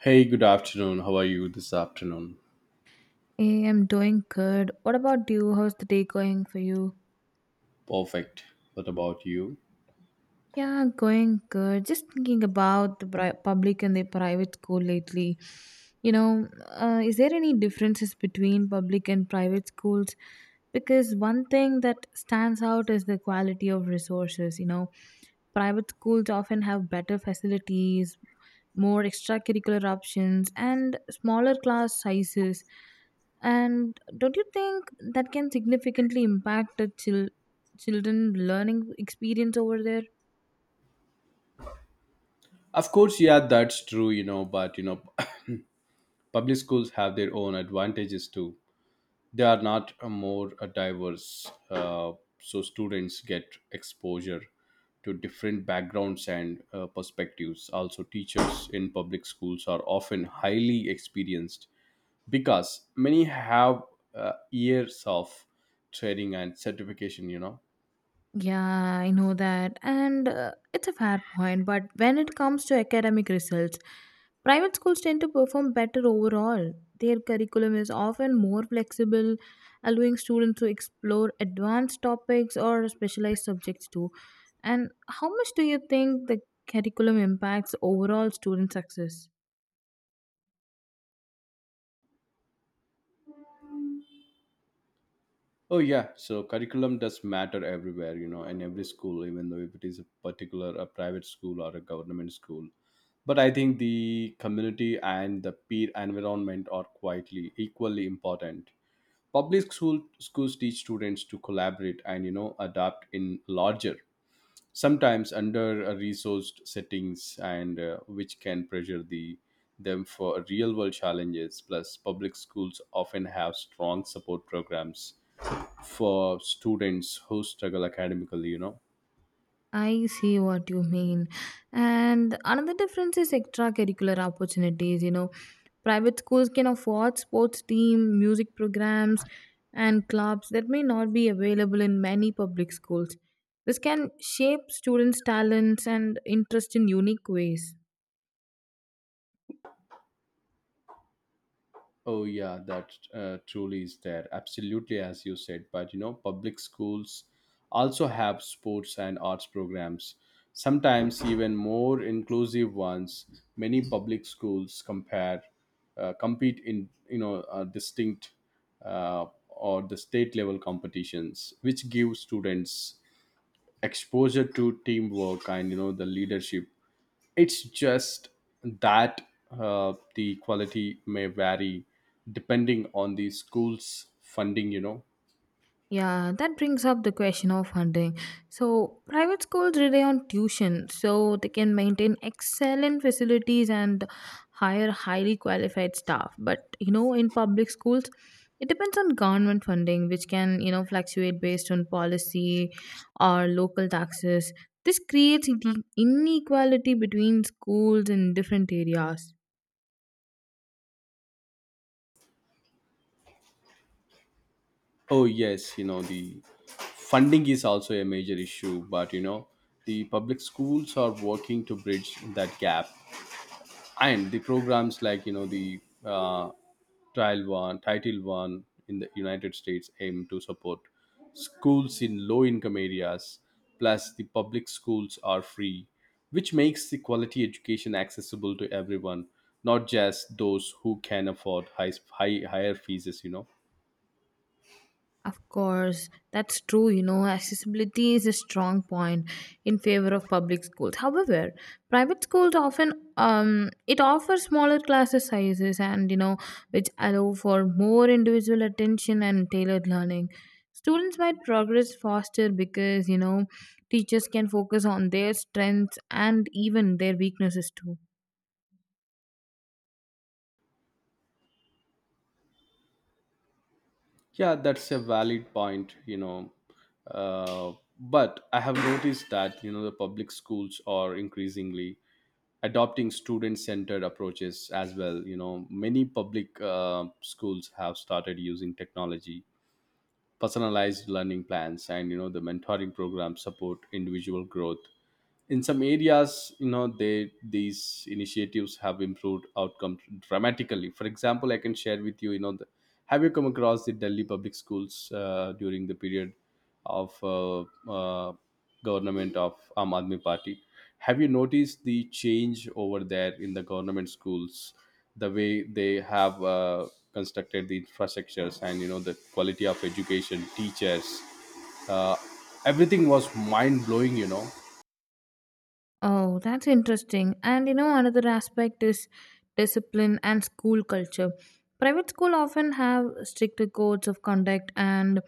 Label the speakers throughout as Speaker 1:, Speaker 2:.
Speaker 1: Hey, good afternoon. How are you this afternoon?
Speaker 2: Hey, I'm doing good. What about you? How's the day going for you?
Speaker 1: Perfect. What about you?
Speaker 2: Yeah, going good. Just thinking about the public and the private school lately. You know, is there any differences between public and private schools? Because one thing that stands out is the quality of resources. You know, private schools often have better facilities, more extracurricular options, and smaller class sizes. And don't you think that can significantly impact the children learning experience over there?
Speaker 1: Of course, yeah, that's true, you know, but public schools have their own advantages too. They are not more diverse, so students get exposure to different backgrounds and perspectives. Also, teachers in public schools are often highly experienced because many have years of training and certification.
Speaker 2: Yeah, I know that. And it's a fair point. But when it comes to academic results, private schools tend to perform better overall. Their curriculum is often more flexible, allowing students to explore advanced topics or specialized subjects too. And how much do you think the curriculum impacts overall student success?
Speaker 1: Oh yeah, so curriculum does matter everywhere, you know, in every school, even though if it is a particular a private school or a government school. But I think the community and the peer environment are quietly equally important. Public schools teach students to collaborate and you know adapt in larger, sometimes under resourced settings, and which can pressure them for real world challenges. Plus, public schools often have strong support programs for students who struggle academically.
Speaker 2: I see what you mean. And another difference is extracurricular opportunities. You know, private schools can afford sports team, music programs, and clubs that may not be available in many public schools. This can shape students' talents and interest in unique ways.
Speaker 1: Oh yeah, that truly is there, absolutely, as you said, but you know public schools also have sports and arts programs, sometimes even more inclusive ones. Many public schools compare compete in you know distinct or the state level competitions, which give students exposure to teamwork and you know the leadership. It's just that the quality may vary depending on the school's funding, you know.
Speaker 2: Yeah, that brings up the question of funding. So, private schools rely on tuition so they can maintain excellent facilities and hire highly qualified staff. But, you know, in public schools, it depends on government funding, which can, you know, fluctuate based on policy or local taxes. This creates inequality between schools in different areas.
Speaker 1: Oh, yes, you know, the funding is also a major issue, but you know, the public schools are working to bridge that gap. And the programs like you know the trial one title one in the United States aim to support schools in low income areas. Plus, the public schools are free, which makes the quality education accessible to everyone, not just those who can afford higher fees.
Speaker 2: Of course, that's true. You know, accessibility is a strong point in favor of public schools. However, private schools often it offers smaller classes sizes and you know which allow for more individual attention and tailored learning. Students might progress faster because you know teachers can focus on their strengths and even their weaknesses too.
Speaker 1: Yeah, that's a valid point, you know. uh, but I have noticed that you know the public schools are increasingly adopting student-centered approaches as well. You know, many public schools have started using technology, personalized learning plans, and you know the mentoring programs support individual growth. In some areas you know they these initiatives have improved outcomes dramatically. For example, I can share with you, have you come across the Delhi public schools during the period of uh, government of Aam Aadmi Party? Have you noticed the change over there in the government schools, the way they have constructed the infrastructures, and you know the quality of education, teachers, uh, everything was mind blowing, you know.
Speaker 2: Oh, that's interesting. And you know, another aspect is discipline and school culture. Private school often have stricter codes of conduct and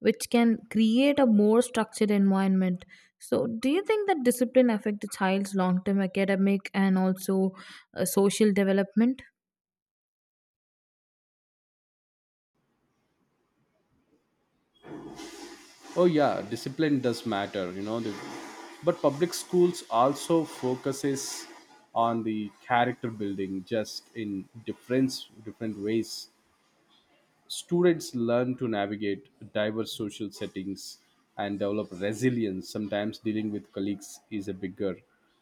Speaker 2: which can create a more structured environment. So, do you think that discipline affect the child's long-term academic and also social development?
Speaker 1: Oh yeah, discipline does matter, you know. But public schools also focuses on the character building, just in different ways. Students learn to navigate diverse social settings and develop resilience. Sometimes dealing with colleagues is a bigger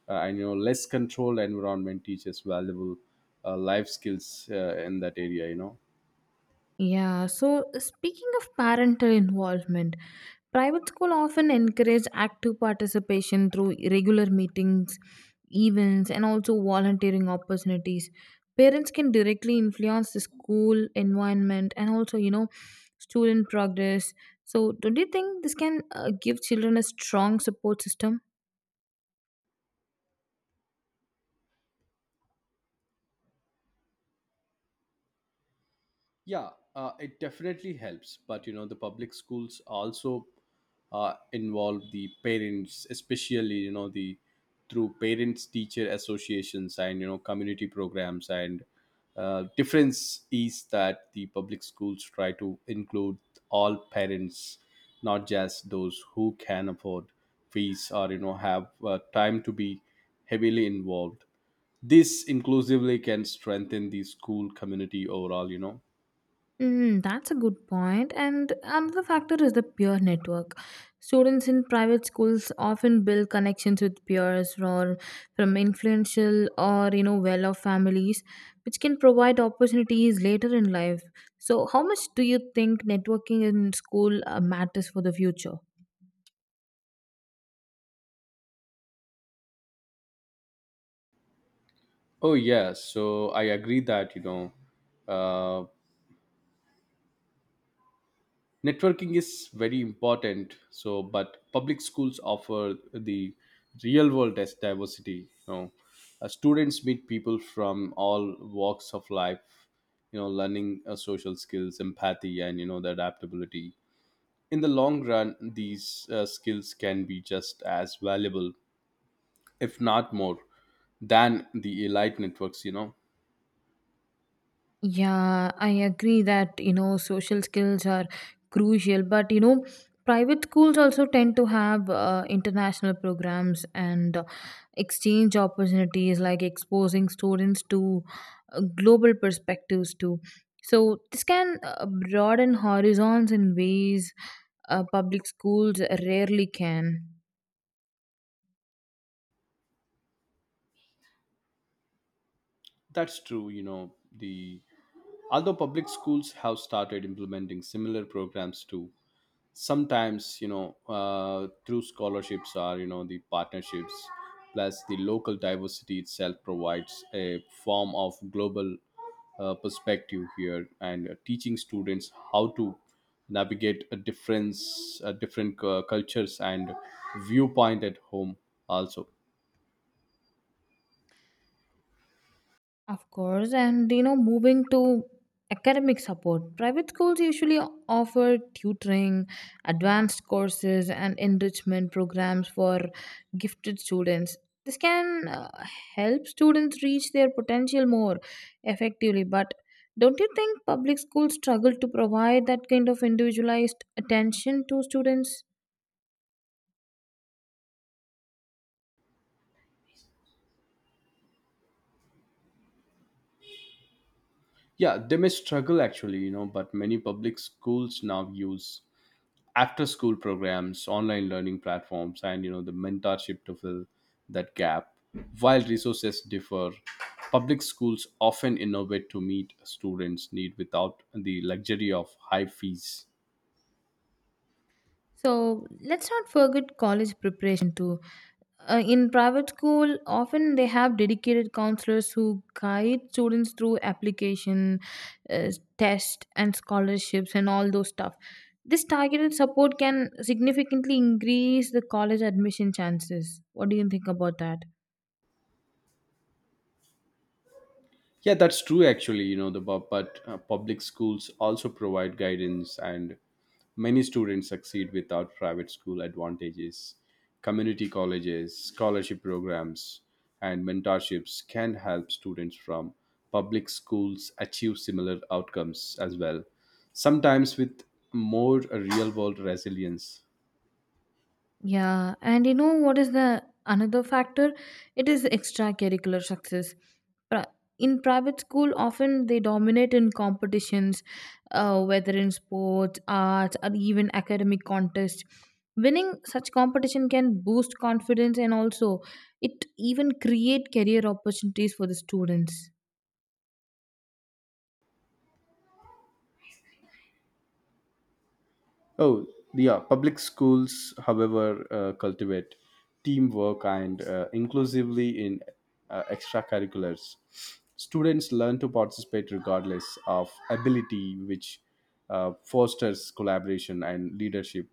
Speaker 1: and you know less controlled environment, teaches valuable life skills in that area. You know.
Speaker 2: Yeah, so speaking of parental involvement, private school often encourage active participation through regular meetings, events, and also volunteering opportunities. Parents can directly influence the school environment and also, you know, student progress. So, don't you think this can give children a strong support system?
Speaker 1: Yeah, it definitely helps. But you know, the public schools also involve the parents, especially you know the through parents teacher associations and you know community programs, and difference is that the public schools try to include all parents, not just those who can afford fees or you know have time to be heavily involved. This inclusively can strengthen the school community overall.
Speaker 2: Mm, that's a good point. And another factor is the peer network. Students in private schools often build connections with peers or from influential or you know well-off families, which can provide opportunities later in life. So, how much do you think networking in school matters for the future?
Speaker 1: Oh yes, so I agree that you know uh, networking is very important. So, but public schools offer the real world as diversity. You know, students meet people from all walks of life. You know, learning social skills, empathy, and you know the adaptability. In the long run, these skills can be just as valuable, if not more, than the elite networks. You know,
Speaker 2: Yeah, I agree that you know social skills are crucial, but you know private schools also tend to have international programs and exchange opportunities, like exposing students to global perspectives too. So this can broaden horizons in ways public schools rarely can.
Speaker 1: that's true. You know the although public schools have started implementing similar programs too, sometimes you know through scholarships or you know the partnerships. Plus the local diversity itself provides a form of global perspective here, and teaching students how to navigate a difference different cultures and viewpoint at home also.
Speaker 2: Of course, and you know, moving to academic support, private schools usually offer tutoring, advanced courses, and enrichment programs for gifted students. This can help students reach their potential more effectively, but don't you think public schools struggle to provide that kind of individualized attention to students?
Speaker 1: Yeah, they may struggle actually, you know, but many public schools now use after school programs, online learning platforms, and you know the mentorship to fill that gap. While resources differ, public schools often innovate to meet students need without the luxury of high fees.
Speaker 2: So let's not forget college preparation too. In private school, often they have dedicated counselors who guide students through application, uh, test, and scholarships, and all those stuff. This targeted support can significantly increase the college admission chances. What do you think about that?
Speaker 1: Yeah, that's true actually, you know. But public schools also provide guidance, and many students succeed without private school advantages. Community colleges, scholarship programs, and mentorships can help students from public schools achieve similar outcomes as well, sometimes with more real world resilience.
Speaker 2: Yeah, and you know what is the another factor? It is extracurricular success. Pri- In private school, often they dominate in competitions, whether in sports, arts, or even academic contests. Winning such competition can boost confidence and also it even create career opportunities for the students.
Speaker 1: Oh, yeah. Public schools, however, cultivate teamwork and inclusively in extracurriculars. Students learn to participate regardless of ability, which fosters collaboration and leadership.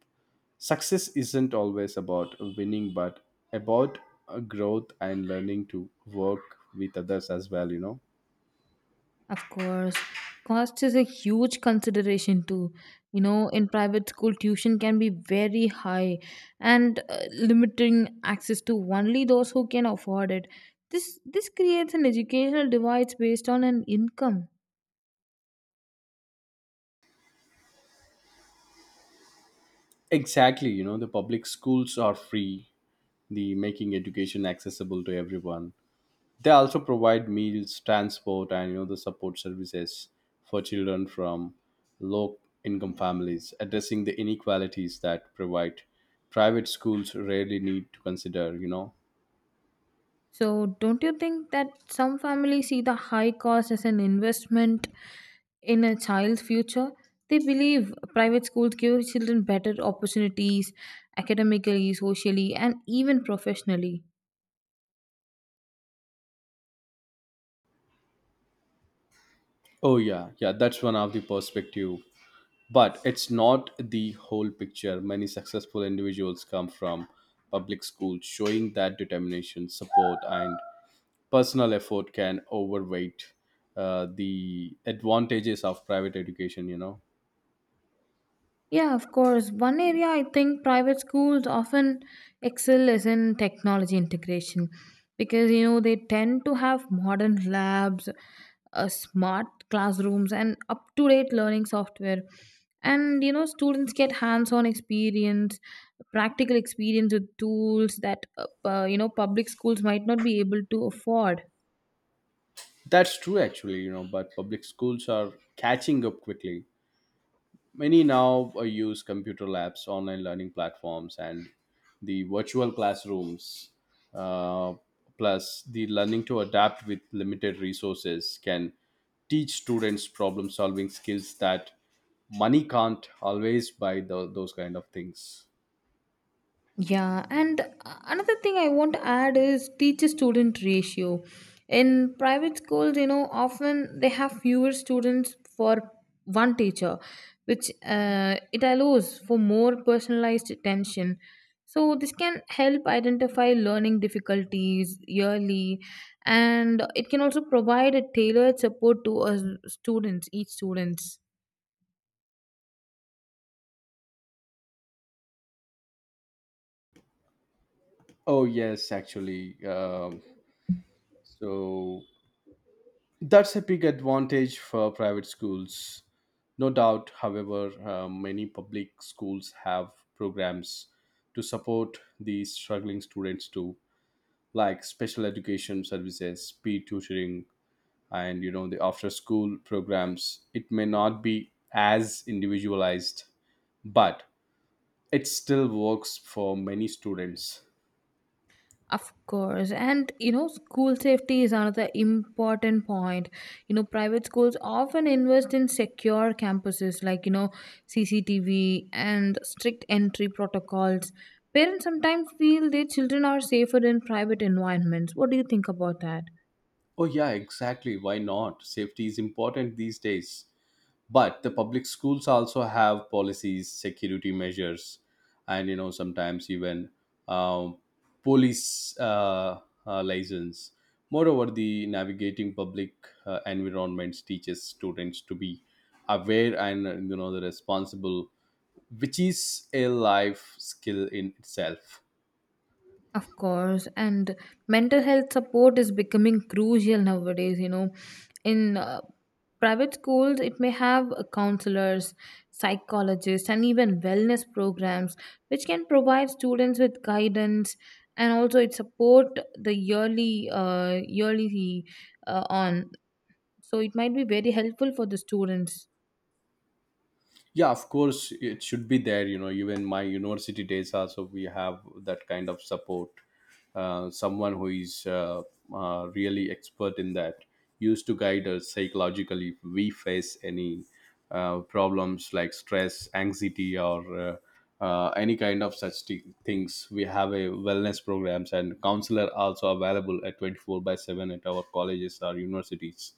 Speaker 1: Success isn't always about winning, but about growth and learning to work with others as well, you know.
Speaker 2: Of course, cost is a huge consideration too. You know, in private school, tuition can be very high and limiting access to only those who can afford it. This creates an educational divide based on an income.
Speaker 1: Exactly, you know, the public schools are free, the making education accessible to everyone. They also provide meals, transport, and you know the support services for children from low income families, addressing the inequalities that provide private schools rarely need to consider, you know.
Speaker 2: So, don't you think that some families see the high cost as an investment in a child's future? They believe private schools give children better opportunities academically, socially, and even professionally.
Speaker 1: Oh yeah, yeah, that's one of the perspective. But it's not the whole picture. Many successful individuals come from public schools, showing that determination, support, and personal effort can overweight the advantages of private education. You know.
Speaker 2: Yeah, of course. One area I think private schools often excel is in technology integration because you know they tend to have modern labs, smart classrooms, and up to date learning software. And you know, students get hands on experience, practical experience with tools that you know public schools might not be able to afford.
Speaker 1: That's true, actually, you know, but public schools are catching up quickly. Many now use computer labs, online learning platforms, and the virtual classrooms. Uh, Plus, the learning to adapt with limited resources can teach students problem solving skills that money can't always buy, those kind of things.
Speaker 2: Yeah, and another thing I want to add is teacher student ratio. In private schools, you know, often they have fewer students for one teacher, which it allows for more personalized attention. So, this can help identify learning difficulties yearly, and it can also provide a tailored support to a students, each students.
Speaker 1: Oh, yes, actually. So, That's a big advantage for private schools. No doubt, however, many public schools have programs to support these struggling students too, like special education services, peer tutoring, and you know the after school programs. It may not be as individualized, but it still works for many students.
Speaker 2: Of course, and you know, school safety is another important point. You know, private schools often invest in secure campuses like you know, CCTV and strict entry protocols. Parents sometimes feel their children are safer in private environments. What do you think about that?
Speaker 1: Oh yeah, exactly. Why not? Safety is important these days, but the public schools also have policies, security measures, and you know sometimes even um, police license. Moreover, the navigating public environments teaches students to be aware and you know the responsible, which is a life skill in itself.
Speaker 2: Of course, and mental health support is becoming crucial nowadays. You know, in private schools, it may have counselors, psychologists, and even wellness programs, which can provide students with guidance and also it support the yearly, yearly on. So it might be very helpful for the students.
Speaker 1: Yeah, of course, it should be there. You know, even my university days also we have that kind of support, someone who is really expert in that, used to guide us psychologically if we face any problems like stress, anxiety, or any kind of such things. We have a wellness programs and counselor also available at 24 by 7 at our colleges or universities,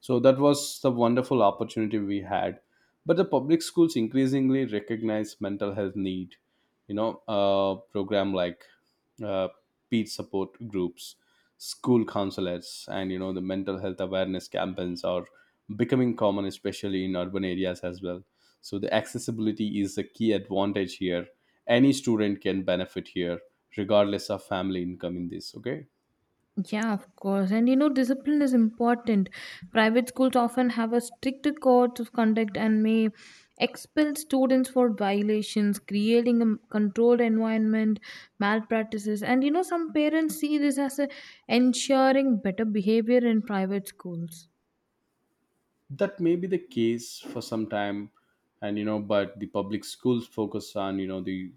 Speaker 1: so that was the wonderful opportunity we had. But the public schools increasingly recognize mental health need. You know, program like uh, peer support groups, school consulates, and you know the mental health awareness campaigns are becoming common, especially in urban areas as well. So the accessibility is a key advantage here. Any student can benefit here, regardless of family income. In this, okay.
Speaker 2: Yeah, of course. And you know, discipline is important. Private schools often have a stricter code of conduct and may expel students for violations, creating a controlled environment, malpractices. And you know, some parents see this as a ensuring better behavior in private schools.
Speaker 1: That may be the case for some time, and you know but the public schools focus on you know the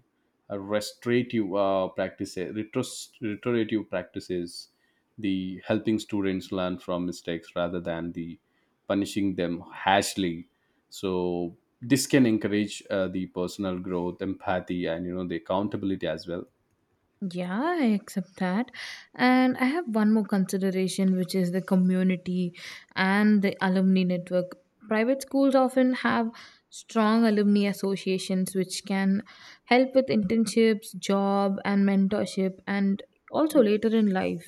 Speaker 1: restorative restorative practices, the helping students learn from mistakes rather than the punishing them harshly. So this can encourage the personal growth, empathy, and you know the accountability as well.
Speaker 2: Yeah, I accept that. And I have one more consideration, which is the community and the alumni network. Private schools often have strong alumni associations, which can help with internships, job, and mentorship, and also later in life.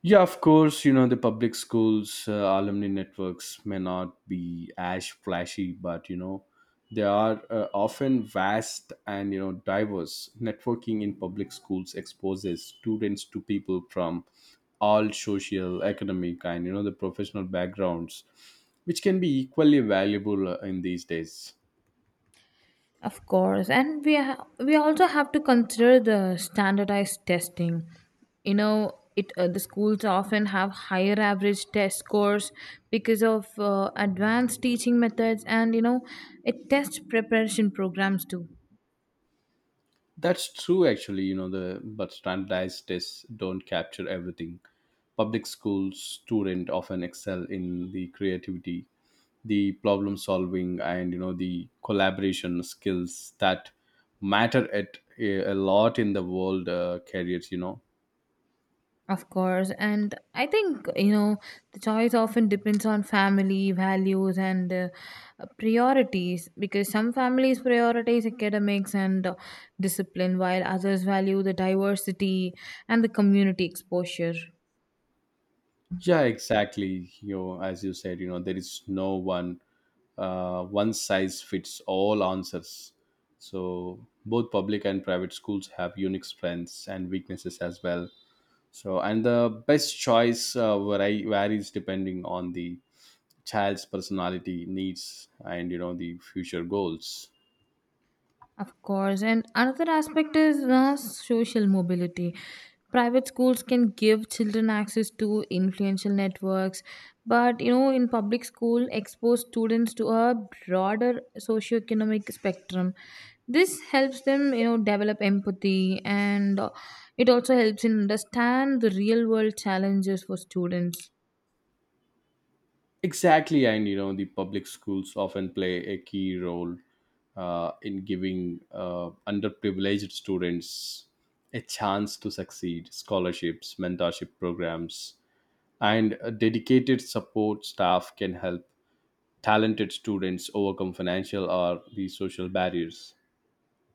Speaker 1: Yeah, of course, you know, the public schools alumni networks may not be as flashy, but you know, they are often vast and you know, diverse. Networking in public schools exposes students to people from all social, economic, and you know, the professional backgrounds, which can be equally valuable in these days.
Speaker 2: Of course, and we also have to consider the standardized testing. You know, it the schools often have higher average test scores because of advanced teaching methods, and you know, it tests preparation programs too.
Speaker 1: That's true, actually. You know, the but standardized tests don't capture everything. Public school student often excel in the creativity, the problem solving, and you know the collaboration skills that matter at a lot in the world careers. You know,
Speaker 2: Of course, and I think you know the choice often depends on family values and priorities because some families prioritize academics and discipline while others value the diversity and the community exposure.
Speaker 1: yeah, exactly. You know, as you said, you know there is no one one size fits all answers. So both public and private schools have unique strengths and weaknesses as well. So, and the best choice varies depending on the child's personality, needs, and you know the future goals.
Speaker 2: Of course. And another aspect is social mobility. Private schools can give children access to influential networks, but you know, in public school, expose students to a broader socioeconomic spectrum. This helps them, you know, develop empathy and it also helps in understand the real world challenges for students.
Speaker 1: Exactly, and you know the public schools often play a key role in giving underprivileged students a chance to succeed. Scholarships, mentorship programs, and a dedicated support staff can help talented students overcome financial or the social barriers.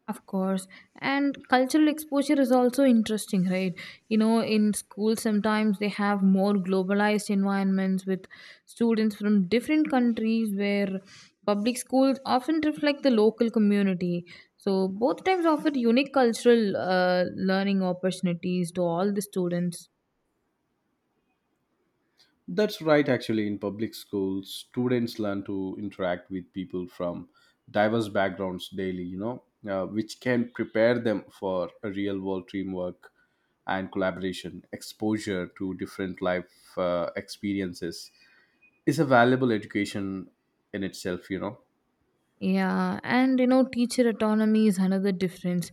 Speaker 2: Of course. And cultural exposure is also interesting, right? You know, in schools, sometimes they have more globalized environments with students from different countries where public schools often reflect the local community. So, both types offer unique cultural learning opportunities to all the students.
Speaker 1: That's right, actually. In public schools, students learn to interact with people from diverse backgrounds daily, you know, which can prepare them for a real world teamwork and collaboration. Exposure to different life experiences is a valuable education in itself, you know.
Speaker 2: Yeah, and you know, teacher autonomy is another difference.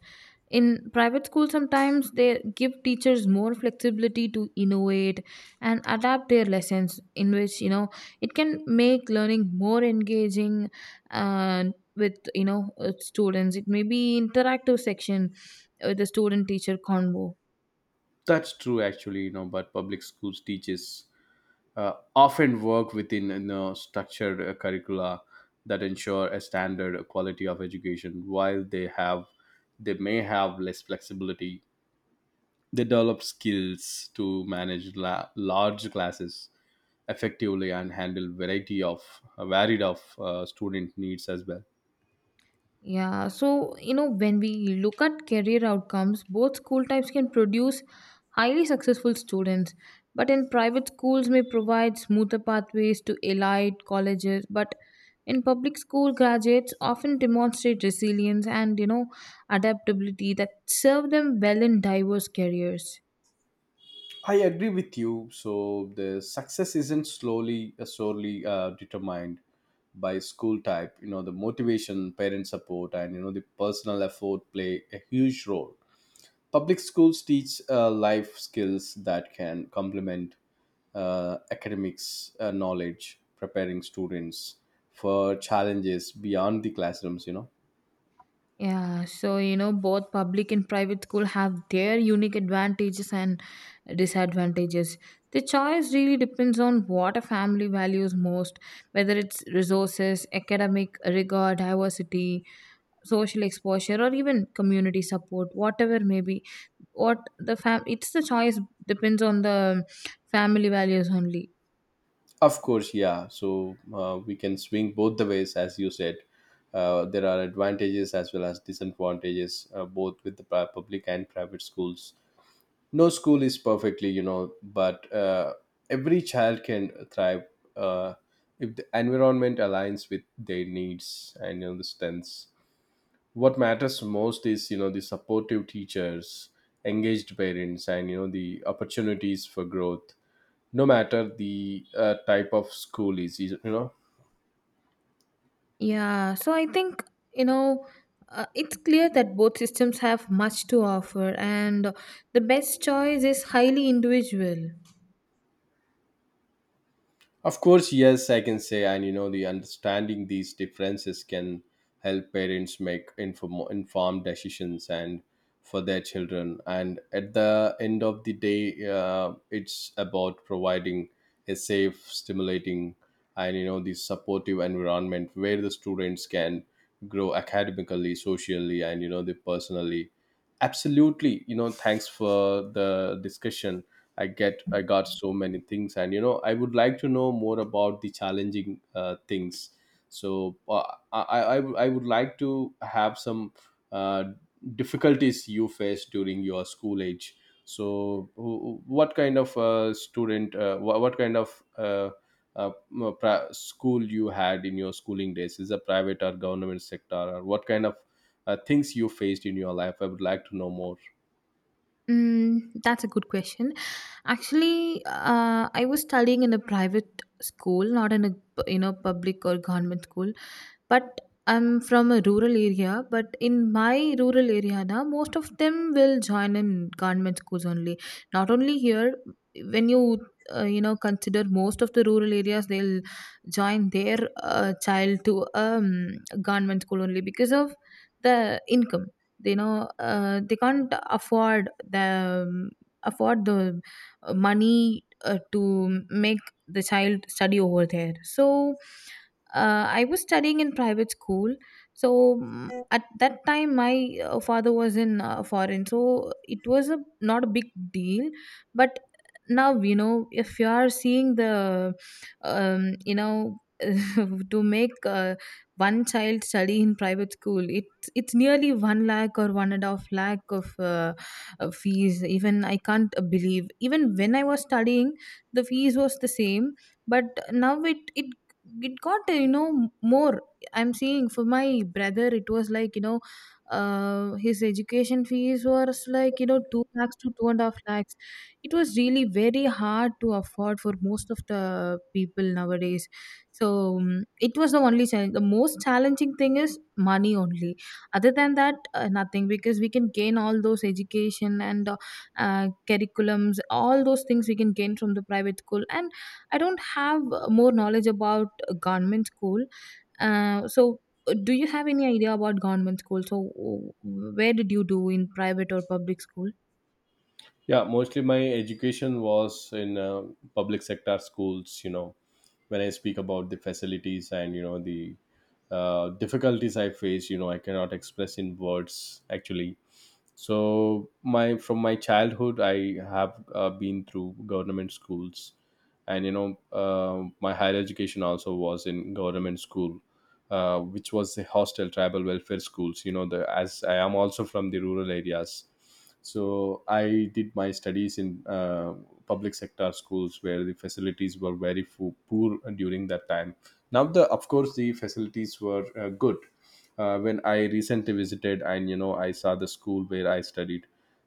Speaker 2: In private school, sometimes they give teachers more flexibility to innovate and adapt their lessons, in which you know it can make learning more engaging and with you know students. It may be interactive section with the student teacher convo.
Speaker 1: That's true, actually, you know, but public schools teaches often work within you know, structured curricula that ensure a standard quality of education while they may have less flexibility. They develop skills to manage large classes effectively and handle variety of varied of student needs as well.
Speaker 2: Yeah, so you know, when we look at career outcomes, both school types can produce highly successful students, but in private schools may provide smoother pathways to elite colleges, but in public school graduates often demonstrate resilience and you know adaptability that serve them well in diverse careers.
Speaker 1: I agree with you. So the success isn't solely determined by school type. You know, the motivation, parent support, and you know the personal effort play a huge role. Public schools teach life skills that can complement academics knowledge, preparing students for challenges beyond the classrooms. You know.
Speaker 2: Yeah, so you know, both public and private school have their unique advantages and disadvantages. The choice really depends on what a family values most, whether it's resources, academic rigor, diversity, social exposure, or even community support, whatever may be. What the fam it's the choice depends on the family values only.
Speaker 1: Of course, yeah. So we can swing both the ways, as you said. There are advantages as well as disadvantages, both with the public and private schools. No school is perfectly, you know, but every child can thrive uh, if the environment aligns with their needs and you know, the strengths. What matters most is, you know, the supportive teachers, engaged parents, and you know the opportunities for growth no matter the type of school you know.
Speaker 2: Yeah, so I think, you know, it's clear that both systems have much to offer, and the best choice is highly individual.
Speaker 1: Of course, yes, I can say, and you know the understanding these differences can help parents make informed decisions and for their children, and at the end of the day it's about providing a safe, stimulating, and you know the supportive environment where the students can grow academically, socially, and you know the personally. Absolutely, you know, thanks for the discussion. I got so many things, and you know I would like to know more about the challenging things. So I would like to have some uh, difficulties you faced during your school age. So what kind of what kind of school you had in your schooling days? Is a private or government sector, or what kind of things you faced in your life? I would like to know more.
Speaker 2: Mm, that's a good question. Actually, I was studying in a private school, not in a you know public or government school. But I'm from a rural area. But in my rural area now, most of them will join in government schools only. Not only here, when you you know consider most of the rural areas, they'll join their child to government school only because of the income they know they can't afford the afford the money to make the child study over there. So I was studying in private school. So mm, at that time my father was in foreign, so it was a not a big deal. But now you know if you are seeing the you know to make one child study in private school it's nearly 1 lakh or one and a half lakh of fees. Even I can't believe, even when I was studying the fees was the same, but now it got you know more. I'm seeing for my brother it was like you know his education fees was like you know 2 lakhs to 2 and a half lakhs. It was really very hard to afford for most of the people nowadays. So um, it was the only challenge. The most challenging thing is money only. Other than that nothing, because we can gain all those education and curriculums, all those things we can gain from the private school. And I don't have more knowledge about government school. So do you have any idea about government school? So where did you do, in private or public school?
Speaker 1: Yeah, mostly my education was in public sector schools. You know, when I speak about the facilities and you know the difficulties I face, you know, I cannot express in words actually. So my, from my childhood I have been through government schools, and you know my higher education also was in government school, which was the hostel tribal welfare schools. You know the, as I am also from the rural areas, so I did my studies in public sector schools where the facilities were very poor during that time. Now the, of course, the facilities were good when I recently visited and you know I saw the school where I studied.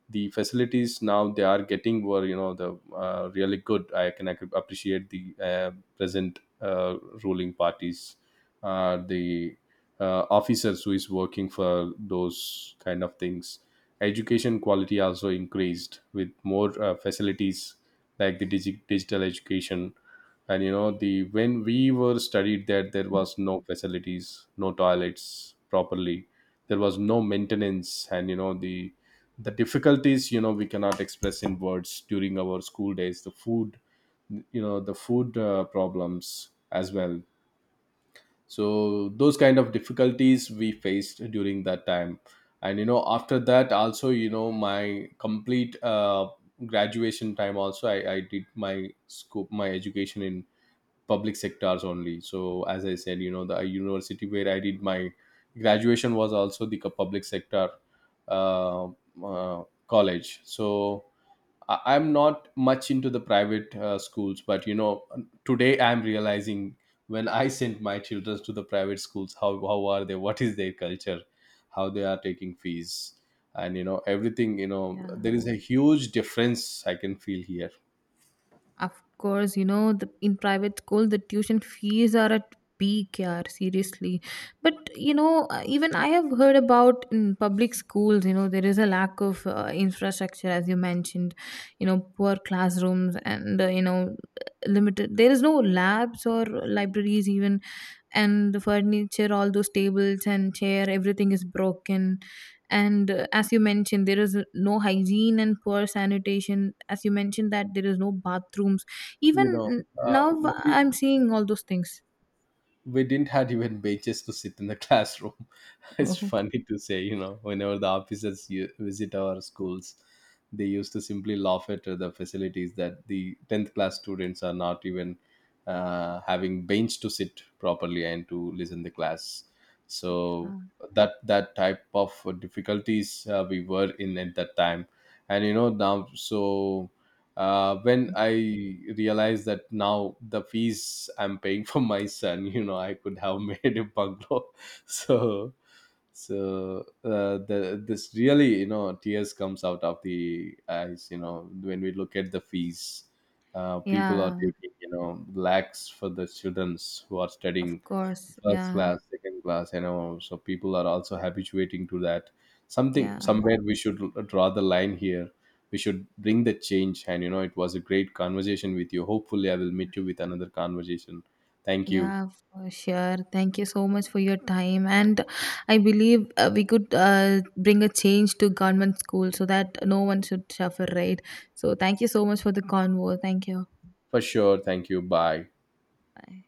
Speaker 1: The facilities now they are getting were you know the really good. I can appreciate the present ruling parties, the officers who is working for those kind of things. Education quality also increased with more facilities like the digital education. And you know the, when we were studied there, there was no facilities, no toilets properly, there was no maintenance, and you know the difficulties, you know, we cannot express in words during our school days. The food, you know, the food problems as well. So those kind of difficulties we faced during that time. And you know after that also, you know, my complete graduation time also, I did my scope, my education in public sectors only. So as I said, you know, the university where I did my graduation was also the public sector uh, college. So I'm not much into the private schools, but you know today I'm realizing, when I sent my children to the private schools, how are they, what is their culture, how they are taking fees, and you know everything, you know,
Speaker 2: Yeah.
Speaker 1: there is a huge difference I can feel here.
Speaker 2: Of course, you know, the, in private school, the tuition fees are at peak, yeah, seriously. But, you know, even I have heard about in public schools, you know, there is a lack of infrastructure, as you mentioned, you know, poor classrooms and, you know, limited, there is no labs or libraries even, and the furniture, all those tables and chair, everything is broken. And as you mentioned there is no hygiene and poor sanitation, as you mentioned that there is no bathrooms
Speaker 1: You
Speaker 2: even.
Speaker 1: know, uh,
Speaker 2: Now
Speaker 1: we,
Speaker 2: I'm seeing all those things.
Speaker 1: we didn't had even benches to sit in the classroom. It's
Speaker 2: Oh.
Speaker 1: funny to say, you know, whenever the officers visit our schools, they used to simply laugh at the facilities that the 10th class students are not even having bench to sit properly and to listen the class. So
Speaker 2: Ah,
Speaker 1: that, that type of difficulties we were in at that time. And you know now, so when I realized that now the fees I'm paying for my son, you know, I could have made a bungalow. So, so the this really, you know, tears comes out of the eyes, you know, when we look at the fees people are
Speaker 2: yeah,
Speaker 1: taking, you know, lakhs for the students who are
Speaker 2: of
Speaker 1: studying
Speaker 2: course,
Speaker 1: first
Speaker 2: yeah,
Speaker 1: class, second class, you know. So people are also habituating to that. Something
Speaker 2: yeah,
Speaker 1: somewhere we should draw the line here. We should bring the change. And you know it was a great conversation with you. Hopefully I will meet you with another conversation. Thank you
Speaker 2: yeah, for sure. Thank you so much for your time, and I believe we could bring a change to government school so that no one should suffer, right? So thank you so much for the convo. Thank you,
Speaker 1: for sure. Thank you. Bye.
Speaker 2: bye.